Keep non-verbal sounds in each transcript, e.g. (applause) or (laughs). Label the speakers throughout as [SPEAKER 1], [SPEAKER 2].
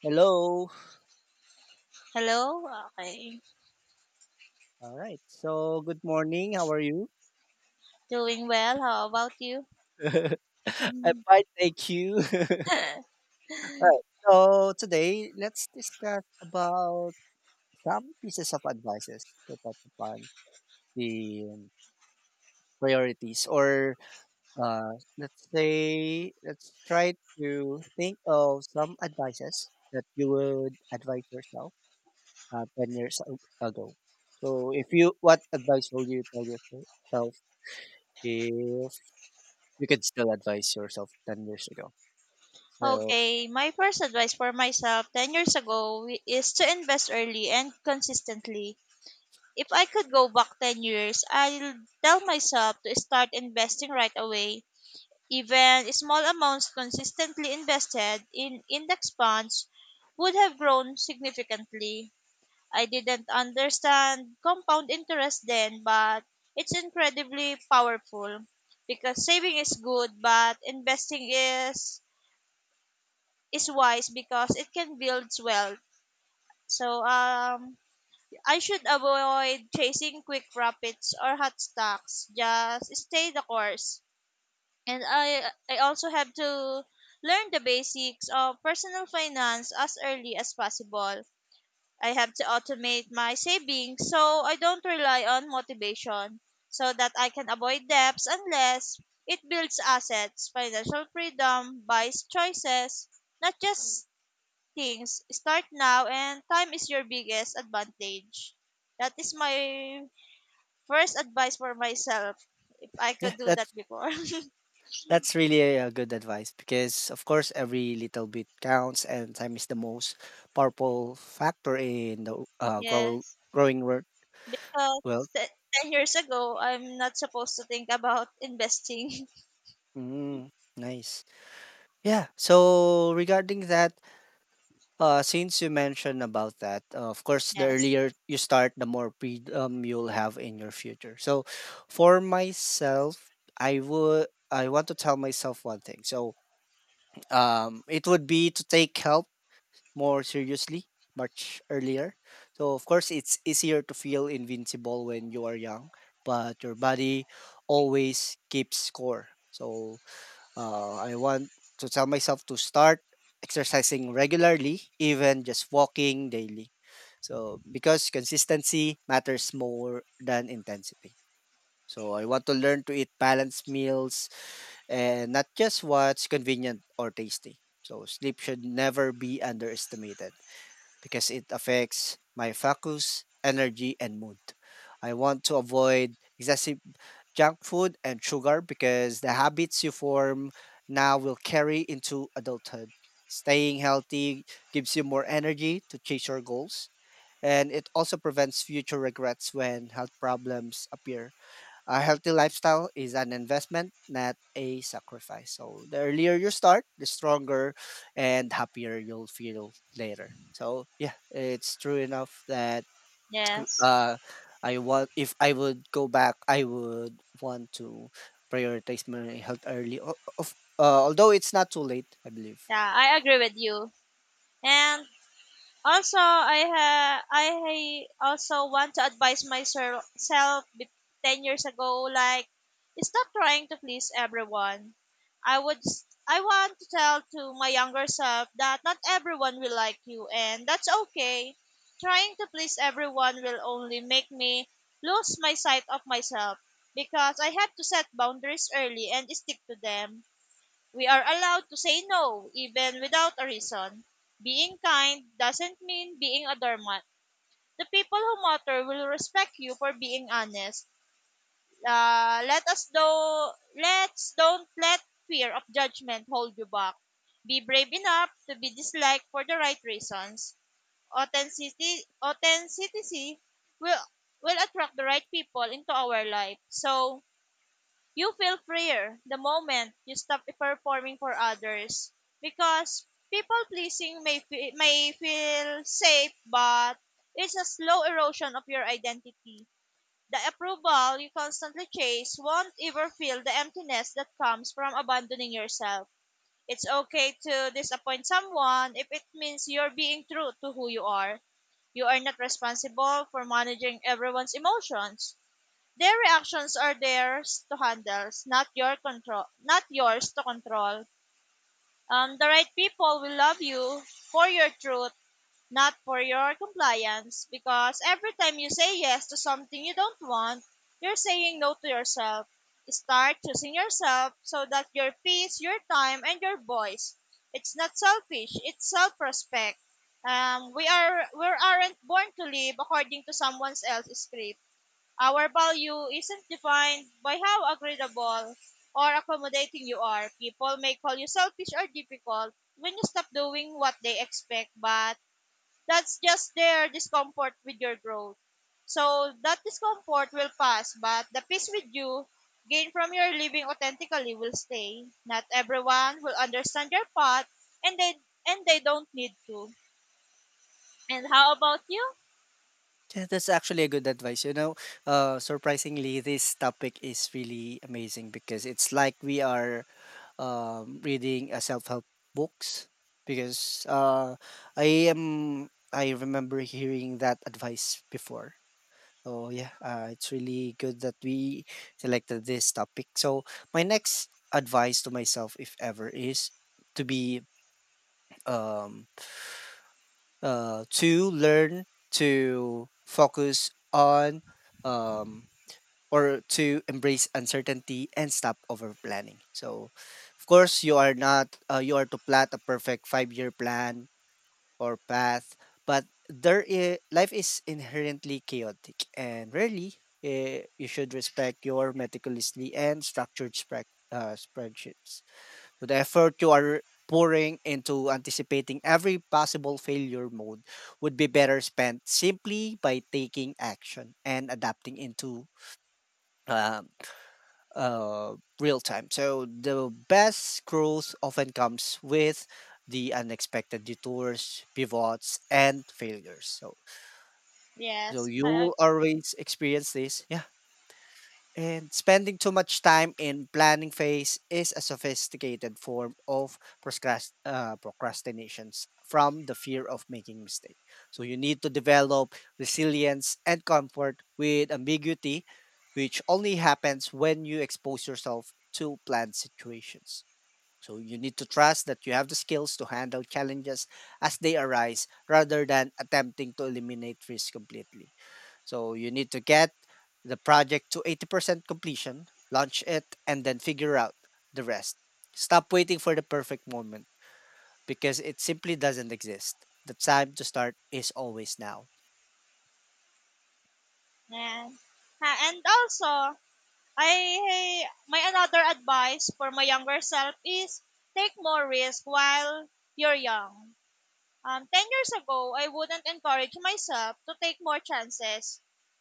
[SPEAKER 1] Hello.
[SPEAKER 2] Hello, okay.
[SPEAKER 1] All right. So, good morning. How are you?
[SPEAKER 2] Doing well. How about you?
[SPEAKER 1] (laughs) I'm fine, thank you. (laughs)
[SPEAKER 2] (laughs)
[SPEAKER 1] All right. So, today let's discuss about some pieces of advices to touch upon the priorities or let's say let's try to think of some advices that you would advise yourself 10 years ago. So, if you what advice will you tell yourself if you could still advise yourself 10 years ago. So,
[SPEAKER 2] Okay, my first advice for myself 10 years ago is to invest early and consistently. If I could go back 10 years, I'll tell myself to start investing right away. Even small amounts consistently invested in index funds would have grown significantly. I didn't understand compound interest then, but it's incredibly powerful because saving is good, but investing is wise because it can build wealth. So um, I should avoid chasing quick profits or hot stocks. Just stay the course. And I also have to learn the basics of personal finance as early as possible. I have to automate my savings so I don't rely on motivation so that I can avoid debts unless it builds assets. Financial freedom buys choices, not just things. Start now, and time is your biggest advantage. That is my first advice for myself, if I
[SPEAKER 1] yeah,
[SPEAKER 2] could do
[SPEAKER 1] that's
[SPEAKER 2] that before. (laughs)
[SPEAKER 1] that's really a good advice because of course every little bit counts and time is the most powerful factor in the
[SPEAKER 2] Yes.
[SPEAKER 1] growing
[SPEAKER 2] Because
[SPEAKER 1] world.
[SPEAKER 2] 10 years ago, I'm not supposed to think about investing.
[SPEAKER 1] Mm, nice. Yeah. So regarding that, since you mentioned about that, of
[SPEAKER 2] (laughs)
[SPEAKER 1] course the
[SPEAKER 2] Yes.
[SPEAKER 1] earlier you start, the more freedom you'll have in your future. So for myself, I want to tell myself one thing. So it would be to take help more seriously much earlier. So, of course, it's easier to feel invincible when you are young, but your body always keeps score. So, I want to tell myself to start exercising regularly, even just walking daily. So, because consistency matters more than intensity. So I want to learn to eat balanced meals and not just what's convenient or tasty. So sleep should never be underestimated because it affects my focus, energy, and mood. I want to avoid excessive junk food and sugar because the habits you form now will carry into adulthood. Staying healthy gives you more energy to chase your goals and it also prevents future regrets when health problems appear. A healthy lifestyle is an investment, not a sacrifice. So the earlier you start, the stronger and happier you'll feel later. So yeah, it's true enough that
[SPEAKER 2] Yes.
[SPEAKER 1] uh, I want if I would go back, I would want to prioritize my health early. O- Of Although it's not too late, I believe.
[SPEAKER 2] Yeah, I agree with you. And also, I also want to advise myself 10 years ago, like, stop trying to please everyone. I want to tell to my younger self that not everyone will like you, and that's okay. Trying to please everyone will only make me lose my sight of myself because I had to set boundaries early and stick to them. We are allowed to say no, even without a reason. Being kind doesn't mean being a doormat. The people who matter will respect you for being honest. Let us do let's don't let fear of judgment hold you back. Be brave enough to be disliked for the right reasons. Authenticity will will attract the right people into our life. So you feel freer the moment you stop performing for others, because people pleasing may feel safe, but it's a slow erosion of your identity. The approval you constantly chase won't ever fill the emptiness that comes from abandoning yourself. It's okay to disappoint someone if it means you're being true to who you are. You are not responsible for managing everyone's emotions. Their reactions are theirs to handle, not your control, not yours to control. The right people will love you for your truth, not for your compliance, because every time you say yes to something you don't want, you're saying no to yourself. Start choosing yourself, so that your peace, your time, and your voice. It's not selfish. It's self-respect. We aren't born to live according to someone else's script. Our value isn't defined by how agreeable or accommodating you are. People may call you selfish or difficult when you stop doing what they expect, but that's just their discomfort with your growth. So that discomfort will pass, but the peace with you gained from your living authentically will stay. Not everyone will understand your path, and they and they don't need to. And how about you?
[SPEAKER 1] Yeah, that's actually a good advice. You know, surprisingly, this topic is really amazing because it's like we are reading self-help books because I remember hearing that advice before. So yeah, it's really good that we selected this topic. So my next advice to myself, if ever, is to be um, to learn to focus on um, or to embrace uncertainty and stop over planning. So, of course, you are not you are to plot a perfect five-year plan or path, but life is inherently chaotic, and rarely you should respect your meticulously and structured spreadsheets. So the effort you are pouring into anticipating every possible failure mode would be better spent simply by taking action and adapting into um, real time. So the best growth often comes with the unexpected detours, pivots, and failures. So so
[SPEAKER 2] Yes,
[SPEAKER 1] you
[SPEAKER 2] I,
[SPEAKER 1] will always experience this. Yeah. And spending too much time in planning phase is a sophisticated form of procrastinations from the fear of making mistake. So you need to develop resilience and comfort with ambiguity, which only happens when you expose yourself to planned situations. So you need to trust that you have the skills to handle challenges as they arise rather than attempting to eliminate risk completely. So you need to get the project to 80% completion, launch it, and then figure out the rest. Stop waiting for the perfect moment because it simply doesn't exist. The time to start is always now.
[SPEAKER 2] yeah. Ha, and also, I my another advice for my younger self is take more risk while you're young. 10 years ago, I wouldn't encourage myself to take more chances.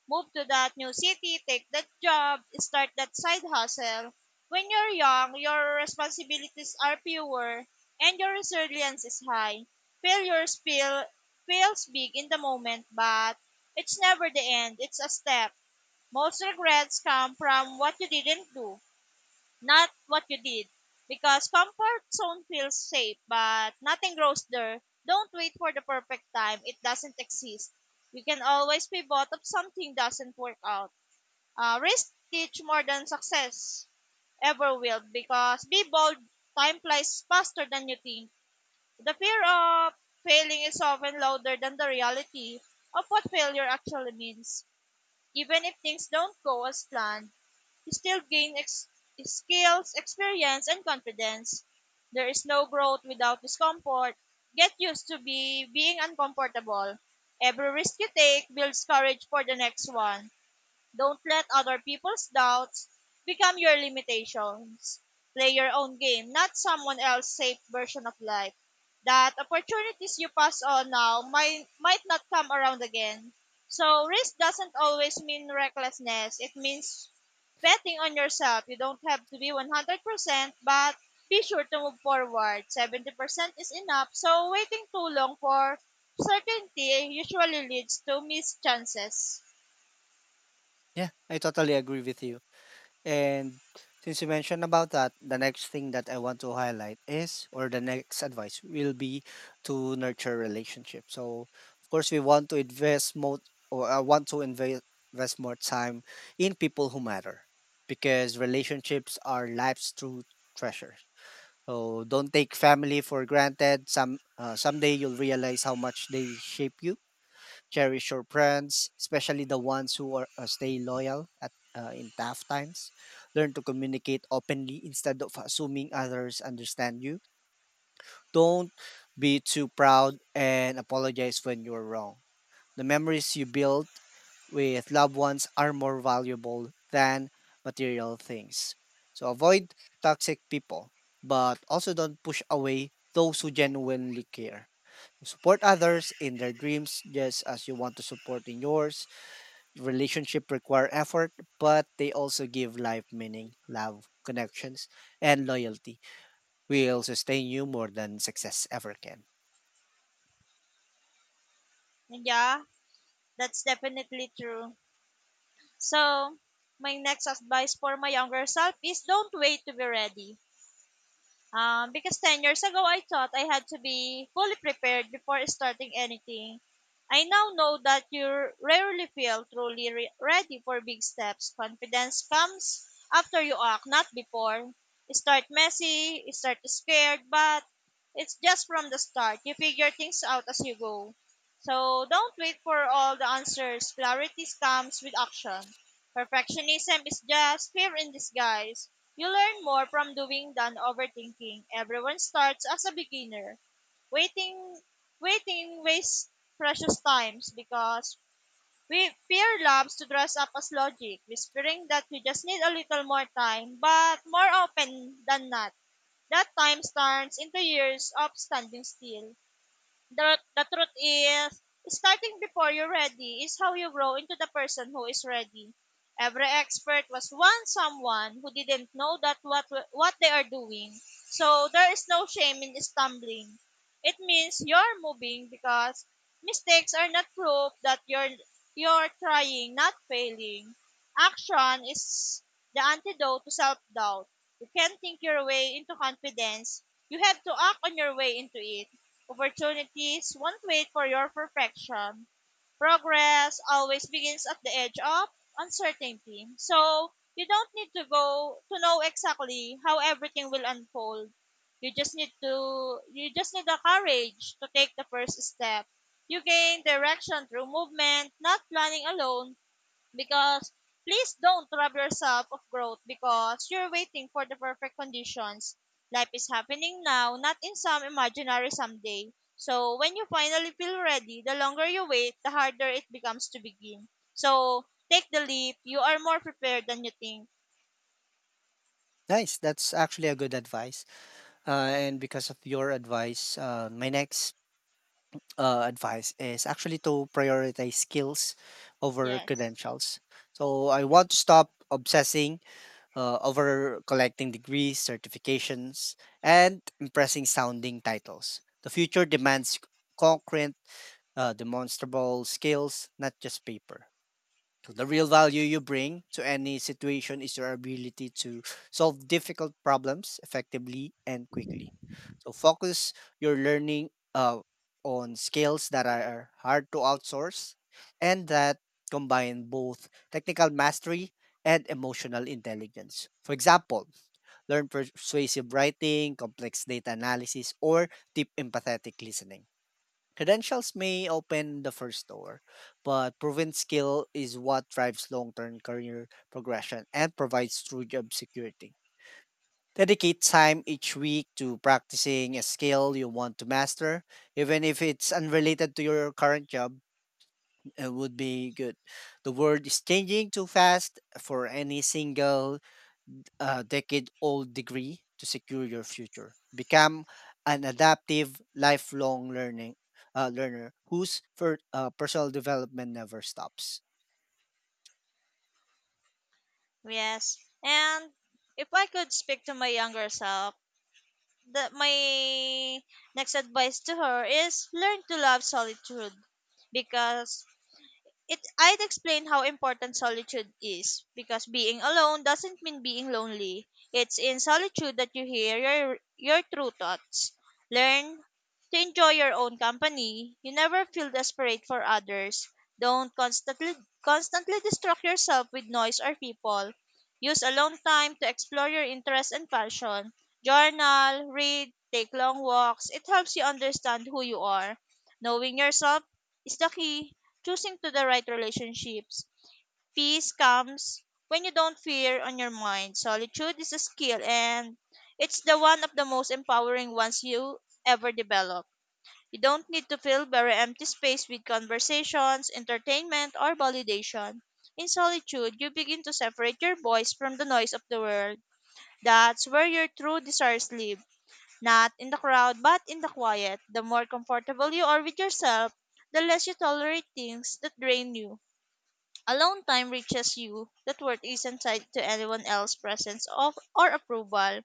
[SPEAKER 2] Move to that new city, take that job, start that side hustle. When you're young, your responsibilities are fewer and your resilience is high. Failures feels big in the moment, but it's never the end. It's a step. Most regrets come from what you didn't do, not what you did. Because comfort zone feels safe, but nothing grows there. Don't wait for the perfect time. It doesn't exist. You can always pivot if something doesn't work out. Risk teach more than success ever will, because be bold, time flies faster than you think. The fear of failing is often louder than the reality of what failure actually means. Even if things don't go as planned, you still gain skills, experience, and confidence. There is no growth without discomfort. Get used to be being uncomfortable. Every risk you take builds courage for the next one. Don't let other people's doubts become your limitations. Play your own game, not someone else's safe version of life. That opportunities you pass on now might not come around again. So, risk doesn't always mean recklessness. It means betting on yourself. You don't have to be 100%, but be sure to move forward. 70% is enough, so waiting too long for certainty usually leads to missed chances.
[SPEAKER 1] Yeah, I totally agree with you. And since you mentioned about that, the next thing that I want to highlight is, or the next advice will be to nurture relationship. So, of course, we want to invest more, or I want to invest more time in people who matter, because relationships are life's true treasure. So don't take family for granted. Some someday you'll realize how much they shape you. Cherish your friends, especially the ones who are stay loyal at in tough times. Learn to communicate openly instead of assuming others understand you. Don't be too proud and apologize when you're wrong. The memories you build with loved ones are more valuable than material things. So avoid toxic people, but also don't push away those who genuinely care. Support others in their dreams just as you want to support in yours. Relationship require effort, but they also give life meaning, love, connections, and loyalty will sustain you more than success ever can.
[SPEAKER 2] Yeah. That's definitely true. So, my next advice for my younger self is don't wait to be ready. Because 10 years ago, I thought I had to be fully prepared before starting anything. I now know that you rarely feel truly ready for big steps. Confidence comes after you act, not before. Start messy, start scared, but it's just from the start. You figure things out as you go. So don't wait for all the answers. Clarity comes with action. Perfectionism is just fear in disguise. You learn more from doing than overthinking. Everyone starts as a beginner. Waiting waiting wastes precious times, because we fear loves to dress up as logic, whispering that you just need a little more time, but more often than not, that time turns into years of standing still. The truth is, starting before you're ready is how you grow into the person who is ready. Every expert was once someone who didn't know that what they are doing. So there is no shame in stumbling. It means you're moving, because mistakes are not proof that you're trying, not failing. Action is the antidote to self-doubt. You can't think your way into confidence. You have to act on your way into it. Opportunities won't wait for your perfection. Progress always begins at the edge of uncertainty. So, you don't need to go to know exactly how everything will unfold. You just need the courage to take the first step. You gain direction through movement, not planning alone, because please don't rob yourself of growth because you're waiting for the perfect conditions. Life is happening now, not in some imaginary someday. So when you finally feel ready, the longer you wait, the harder it becomes to begin. So take the leap. You are more prepared than you think.
[SPEAKER 1] Nice. That's actually a good advice. And because of your advice, my next advice is actually to prioritize skills over
[SPEAKER 2] Yes.
[SPEAKER 1] credentials. So I want to stop obsessing over collecting degrees, certifications, and impressing sounding titles. The future demands concrete, demonstrable skills, not just paper. So the real value you bring to any situation is your ability to solve difficult problems effectively and quickly. So focus your learning on skills that are hard to outsource and that combine both technical mastery and emotional intelligence. For example, learn persuasive writing, complex data analysis, or deep empathetic listening. Credentials may open the first door, but proven skill is what drives long term career progression and provides true job security. Dedicate time each week to practicing a skill you want to master, even if it's unrelated to your current job. It would be good. The world is changing too fast for any single decade old degree to secure your future. Become an adaptive, lifelong learning learner whose personal development never stops.
[SPEAKER 2] Yes. And if I could speak to my younger self, my next advice to her is learn to love solitude, because It I'd explain how important solitude is, because being alone doesn't mean being lonely. It's in solitude that you hear your true thoughts. Learn to enjoy your own company. You never feel desperate for others. Don't constantly distract yourself with noise or people. Use alone time to explore your interests and passion. Journal, read, take long walks. It helps you understand who you are. Knowing yourself is the key choosing to the right relationships. Peace comes when you don't fear on your mind. Solitude is a skill, and it's the one of the most empowering ones you ever develop. You don't need to fill very empty space with conversations, entertainment, or validation. In solitude, you begin to separate your voice from the noise of the world. That's where your true desires live, not in the crowd, but in the quiet. The more comfortable you are with yourself, the less you tolerate things that drain you. Alone time reaches you that worth isn't tied to anyone else's presence of or approval.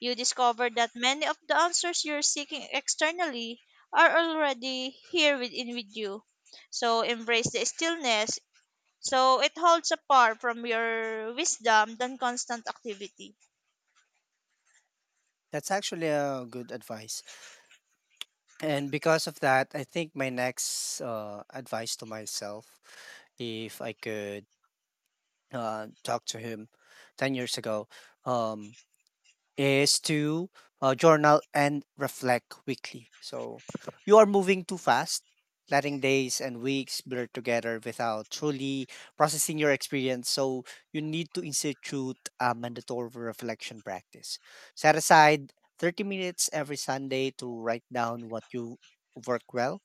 [SPEAKER 2] You discover that many of the answers you're seeking externally are already here within with you. So embrace the stillness. So it holds apart from your wisdom than constant activity.
[SPEAKER 1] That's actually a good advice. And because of that, I think my next advice to myself, if I could talk to him 10 years ago, um, is to journal and reflect weekly. So you are moving too fast, letting days and weeks blur together without truly processing your experience. So you need to institute a mandatory reflection practice. Set aside 30 minutes every Sunday to write down what you work well,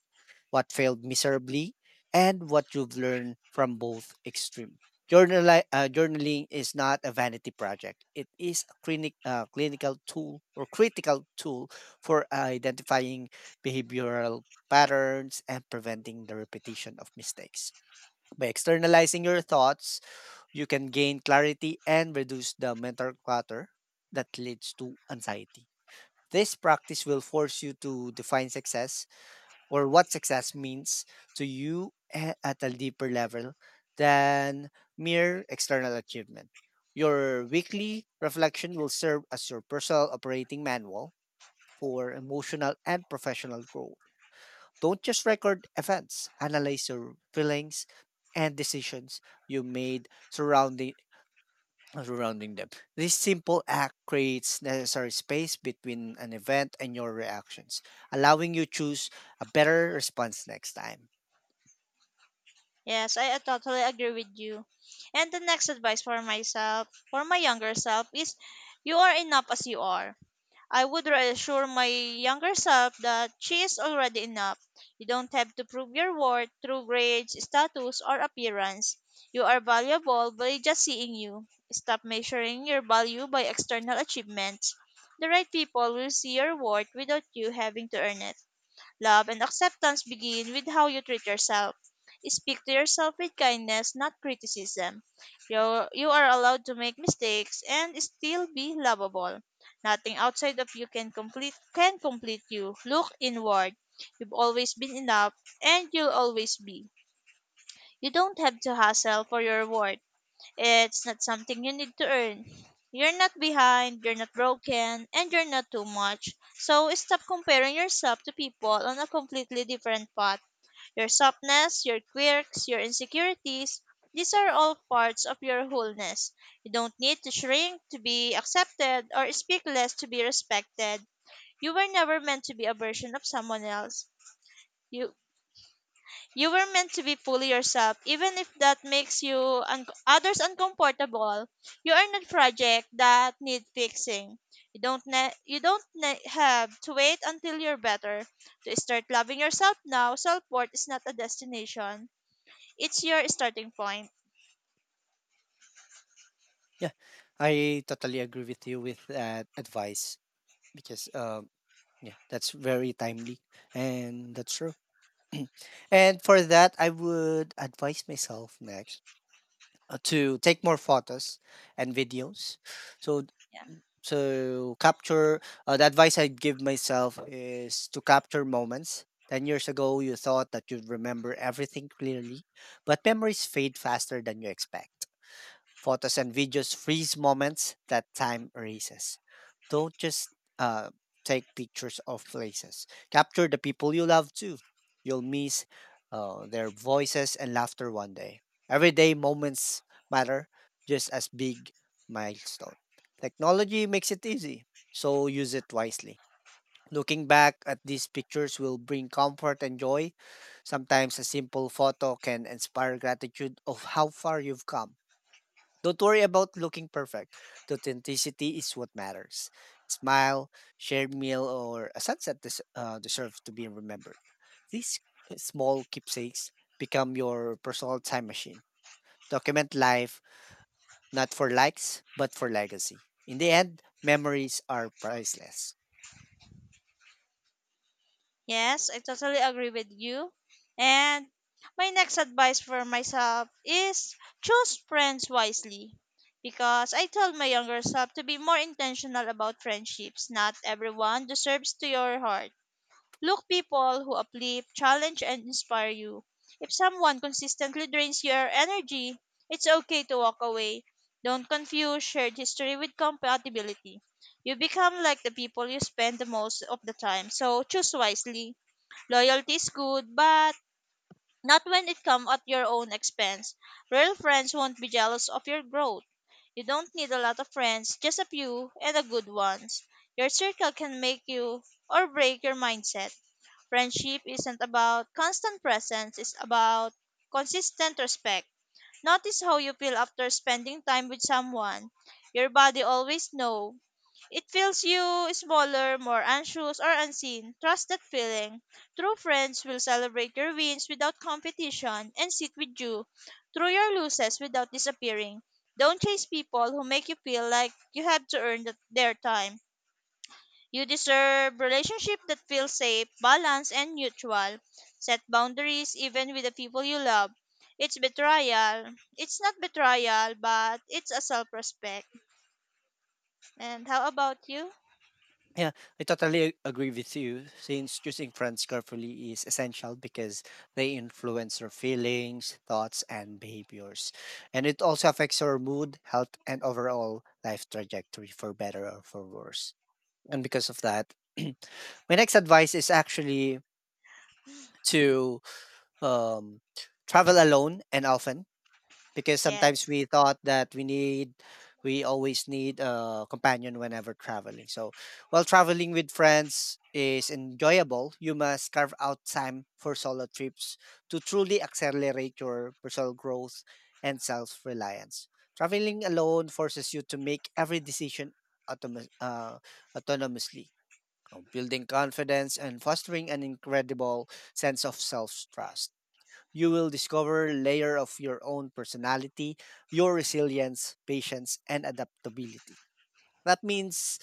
[SPEAKER 1] what failed miserably, and what you've learned from both extreme. Journaling is not a vanity project. It is a clinical tool or critical tool for identifying behavioral patterns and preventing the repetition of mistakes. By externalizing your thoughts, you can gain clarity and reduce the mental clutter that leads to anxiety. This practice will force you to define success or what success means to you at a deeper level than mere external achievement. Your weekly reflection will serve as your personal operating manual for emotional and professional growth. Don't just record events, analyze your feelings and decisions you made surrounding them. This simple act creates necessary space between an event and your reactions, allowing you choose a better response next time.
[SPEAKER 2] Yes, I totally agree with you. And the next advice for myself, for my younger self, is you are enough as you are. I would reassure my younger self that she is already enough. You don't have to prove your worth through grades, status, or appearance. You are valuable by just seeing you. Stop measuring your value by external achievements. The right people will see your worth without you having to earn it. Love and acceptance begin with how you treat yourself. Speak to yourself with kindness, not criticism. You are allowed to make mistakes and still be lovable. Nothing outside of you can complete you. Look inward. You've always been enough, and you'll always be. You don't have to hustle for your worth. It's not something you need to earn. You're not behind, you're not broken, and you're not too much. So stop comparing yourself to people on a completely different path. Your softness, your quirks, your insecurities, these are all parts of your wholeness. You don't need to shrink to be accepted or speak less to be respected. You were never meant to be a version of someone else. You you were meant to be fully yourself, even if that makes others uncomfortable. You are not project that need fixing. You don't have to wait until you're better to start loving yourself now. Self worth is not a destination; it's your starting point.
[SPEAKER 1] Yeah, I totally agree with you with that advice because yeah, that's very timely and that's true. (clears throat) And for that, I would advise myself next, to take more photos and videos. So
[SPEAKER 2] Yeah.
[SPEAKER 1] to capture the advice I give myself is to capture moments. 10 years ago, you thought that you'd remember everything clearly, but memories fade faster than you expect. Photos and videos freeze moments that time erases. Don't just uh, take pictures of places. Capture the people you love too. You'll miss their voices and laughter one day. Everyday moments matter just as big milestone. Technology makes it easy, so use it wisely. Looking back at these pictures will bring comfort and joy. Sometimes a simple photo can inspire gratitude of how far you've come. Don't worry about looking perfect. The authenticity is what matters. Smile, shared meal, or a sunset deserve to be remembered. These small keepsakes become your personal time machine. Document life, not for likes, but for legacy. In the end, memories are priceless.
[SPEAKER 2] Yes, I totally agree with you. And my next advice for myself is choose friends wisely. Because I told my younger self to be more intentional about friendships. Not everyone deserves to your heart. Look people who uplift, challenge, and inspire you. If someone consistently drains your energy, it's okay to walk away. Don't confuse shared history with compatibility. You become like the people you spend the most of the time, so choose wisely. Loyalty is good, but not when it comes at your own expense. Real friends won't be jealous of your growth. You don't need a lot of friends, just a few and a good ones. Your circle can make you or break your mindset. Friendship isn't about constant presence, it's about consistent respect. Notice how you feel after spending time with someone. Your body always know. It feels you smaller, more anxious, or unseen. Trust that feeling. True friends will celebrate your wins without competition and sit with you through your losses without disappearing. Don't chase people who make you feel like you have to earn their time. You deserve relationship that feels safe, balanced, and mutual. Set boundaries even with the people you love. It's betrayal. It's not betrayal, but it's a self-respect. And how about you?
[SPEAKER 1] Yeah, I totally agree with you. Since choosing friends carefully is essential because they influence your feelings, thoughts, and behaviors. And it also affects your mood, health, and overall life trajectory for better or for worse. And because of that, (clears throat) my next advice is actually to um, travel alone and often because sometimes
[SPEAKER 2] Yes,
[SPEAKER 1] we thought that we need we always need a companion whenever traveling. So while traveling with friends is enjoyable, you must carve out time for solo trips to truly accelerate your personal growth and self-reliance. Traveling alone forces you to make every decision automa- uh, autonomously, building confidence and fostering an incredible sense of self-trust. You will discover a layer of your own personality, your resilience, patience, and adaptability. That means,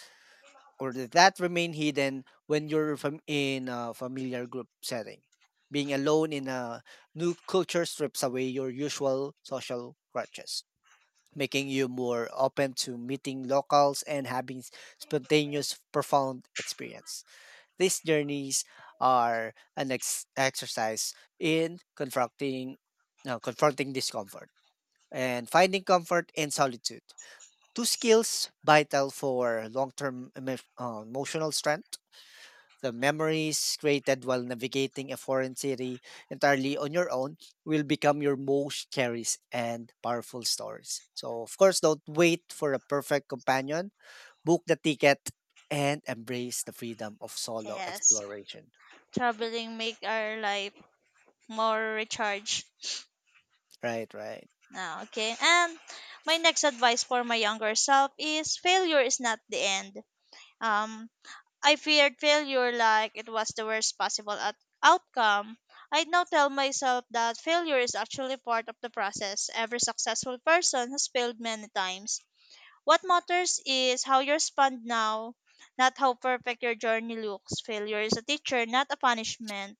[SPEAKER 1] or th- That remain hidden when you're in a familiar group setting. Being alone in a new culture strips away your usual social crutches, making you more open to meeting locals and having spontaneous, profound experience. These journeys are an exercise in confronting, no, confronting discomfort and finding comfort in solitude. Two skills vital for long-term emotional strength. The memories created while navigating a foreign city entirely on your own will become your most cherished and powerful stories. So, of course, don't wait for a perfect companion. Book the ticket and embrace the freedom of solo
[SPEAKER 2] yes.
[SPEAKER 1] exploration.
[SPEAKER 2] Traveling make our life more recharged.
[SPEAKER 1] Right, right.
[SPEAKER 2] Ah, okay. And my next advice for my younger self is failure is not the end. Um, I feared failure like it was the worst possible outcome. I now tell myself that failure is actually part of the process. Every successful person has failed many times. What matters is how you respond now, not how perfect your journey looks. Failure is a teacher, not a punishment.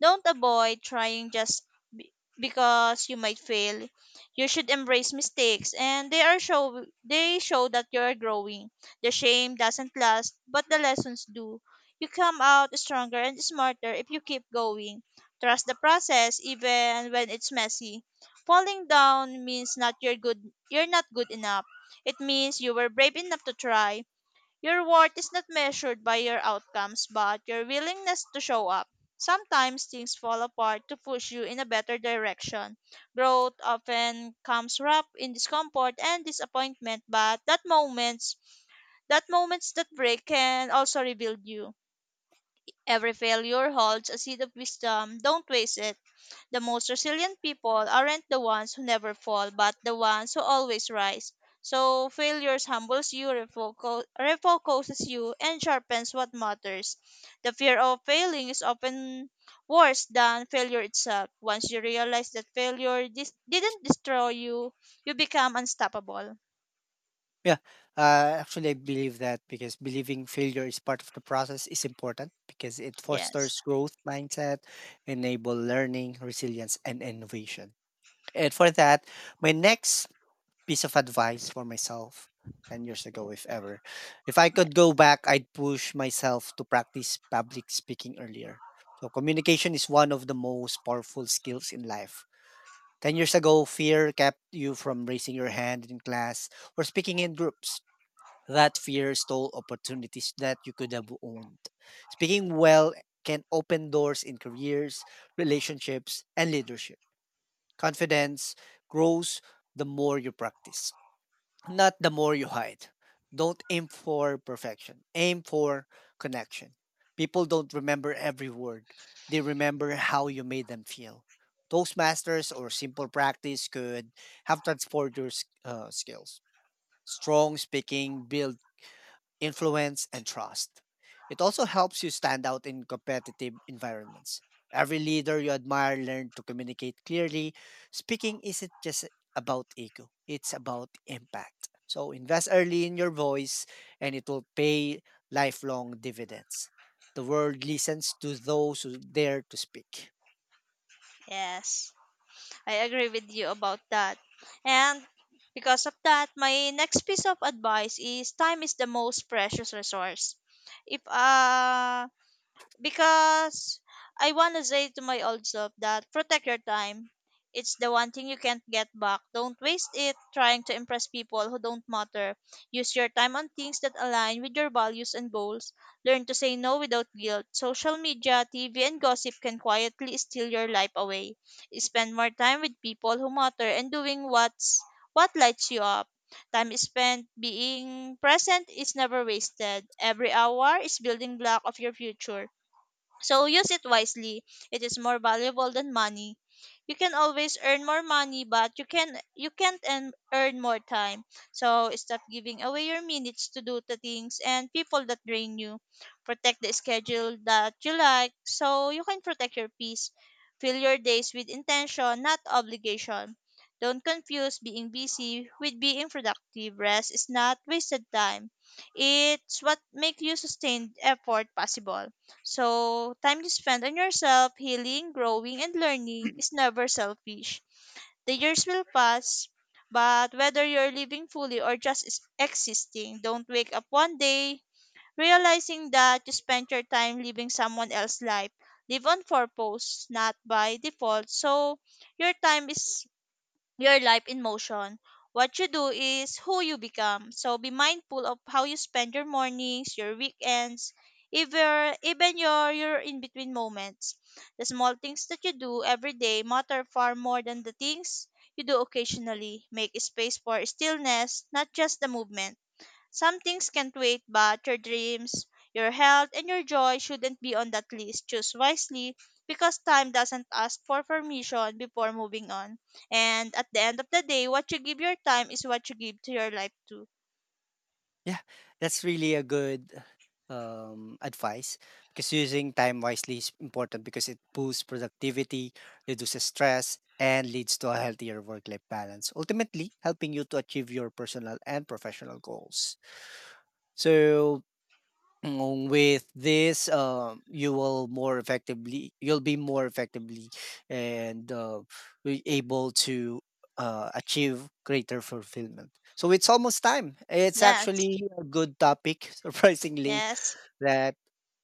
[SPEAKER 2] Don't avoid trying just be- because you might fail. You should embrace mistakes and they show that you are growing. The shame doesn't last, but the lessons do. You come out stronger and smarter if you keep going. Trust the process even when it's messy. Falling down means not you're good You're not good enough. It means you were brave enough to try. Your worth is not measured by your outcomes, but your willingness to show up. Sometimes things fall apart to push you in a better direction. Growth often comes wrapped in discomfort and disappointment, but that moments that break can also rebuild you. Every failure holds a seed of wisdom. Don't waste it. The most resilient people aren't the ones who never fall, but the ones who always rise. So failures humbles you, refocuses you, and sharpens what matters. The fear of failing is often worse than failure itself. Once you realize that didn't destroy you, you become unstoppable.
[SPEAKER 1] Yeah, actually, I believe that because believing failure is part of the process is important because it
[SPEAKER 2] Yes.
[SPEAKER 1] fosters growth mindset, enable learning, resilience, and innovation. And for that, my next piece of advice for myself 10 years ago, if ever, if I could go back, I'd push myself to practice public speaking earlier. So, communication is one of the most powerful skills in life 10 years ago. Fear kept you from raising your hand in class or speaking in groups. That fear stole opportunities that you could have owned. Speaking well can open doors in careers, relationships, and leadership. Confidence grows the more you practice. Not the more you hide. Don't aim for perfection. Aim for connection. People don't remember every word. They remember how you made them feel. Toastmasters or simple practice could have transformed your skills. Strong speaking builds influence, and trust. It also helps you stand out in competitive environments. Every leader you admire learned to communicate clearly. Speaking isn't just about ego, it's about impact. So invest early in your voice and it will pay lifelong dividends. The world listens to those who dare to speak.
[SPEAKER 2] Yes. I agree with you about that. And because of that, my next piece of advice is time is the most precious resource. If because I want to say to my old self that protect your time. It's the one thing you can't get back. Don't waste it trying to impress people who don't matter. Use your time on things that align with your values and goals. Learn to say no without guilt. Social media, TV, and gossip can quietly steal your life away. Spend more time with people who matter and doing what lights you up. Time spent being present is never wasted. Every hour is building block of your future so use it wisely. It is more valuable than money. You can always earn more money, but you can't earn more time. So stop giving away your minutes to do the things and people that drain you. Protect the schedule that you like so you can protect your peace. Fill your days with intention, not obligation. Don't confuse being busy with being productive. Rest is not wasted time. It's what makes you sustained effort possible. So, time you spend on yourself, healing, growing, and learning is
[SPEAKER 1] (clears throat)
[SPEAKER 2] never selfish. The years will pass, but whether you're living fully or just existing, don't wake up one day realizing that you spent your time living someone else's life. Live on purpose, not by default. So, your time is your life in motion. What you do is who you become. So be mindful of how you spend your mornings, your weekends, even your in between moments. The small things that you do every day matter far more than the things you do occasionally. Make space for stillness, not just the movement. Some things can't wait, but your dreams, your health, and your joy shouldn't be on that list. Choose wisely because time doesn't ask for permission before moving on. And at the end of the day, what you give your time is what you give to your life too.
[SPEAKER 1] Yeah, that's really a good advice because using time wisely is important because it boosts productivity, reduces stress, and leads to a healthier work life balance, ultimately, helping you to achieve your personal and professional goals. So, with this you will more effectively, you'll be more effectively and be able to achieve greater fulfillment. So it's almost time. It's
[SPEAKER 2] Yes,
[SPEAKER 1] actually a good topic (laughs) surprisingly,
[SPEAKER 2] yes,
[SPEAKER 1] that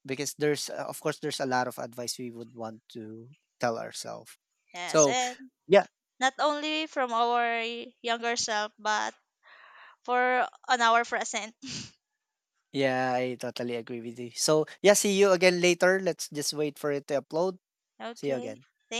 [SPEAKER 1] because there's of course there's a lot of advice we would want to tell ourselves.
[SPEAKER 2] yes.
[SPEAKER 1] So
[SPEAKER 2] And
[SPEAKER 1] yeah,
[SPEAKER 2] not only from our younger self, but for on our present.
[SPEAKER 1] yeah, I totally agree with you. So yeah, see you again later. Let's just wait for it to upload. See you
[SPEAKER 2] Okay.
[SPEAKER 1] again.
[SPEAKER 2] Thank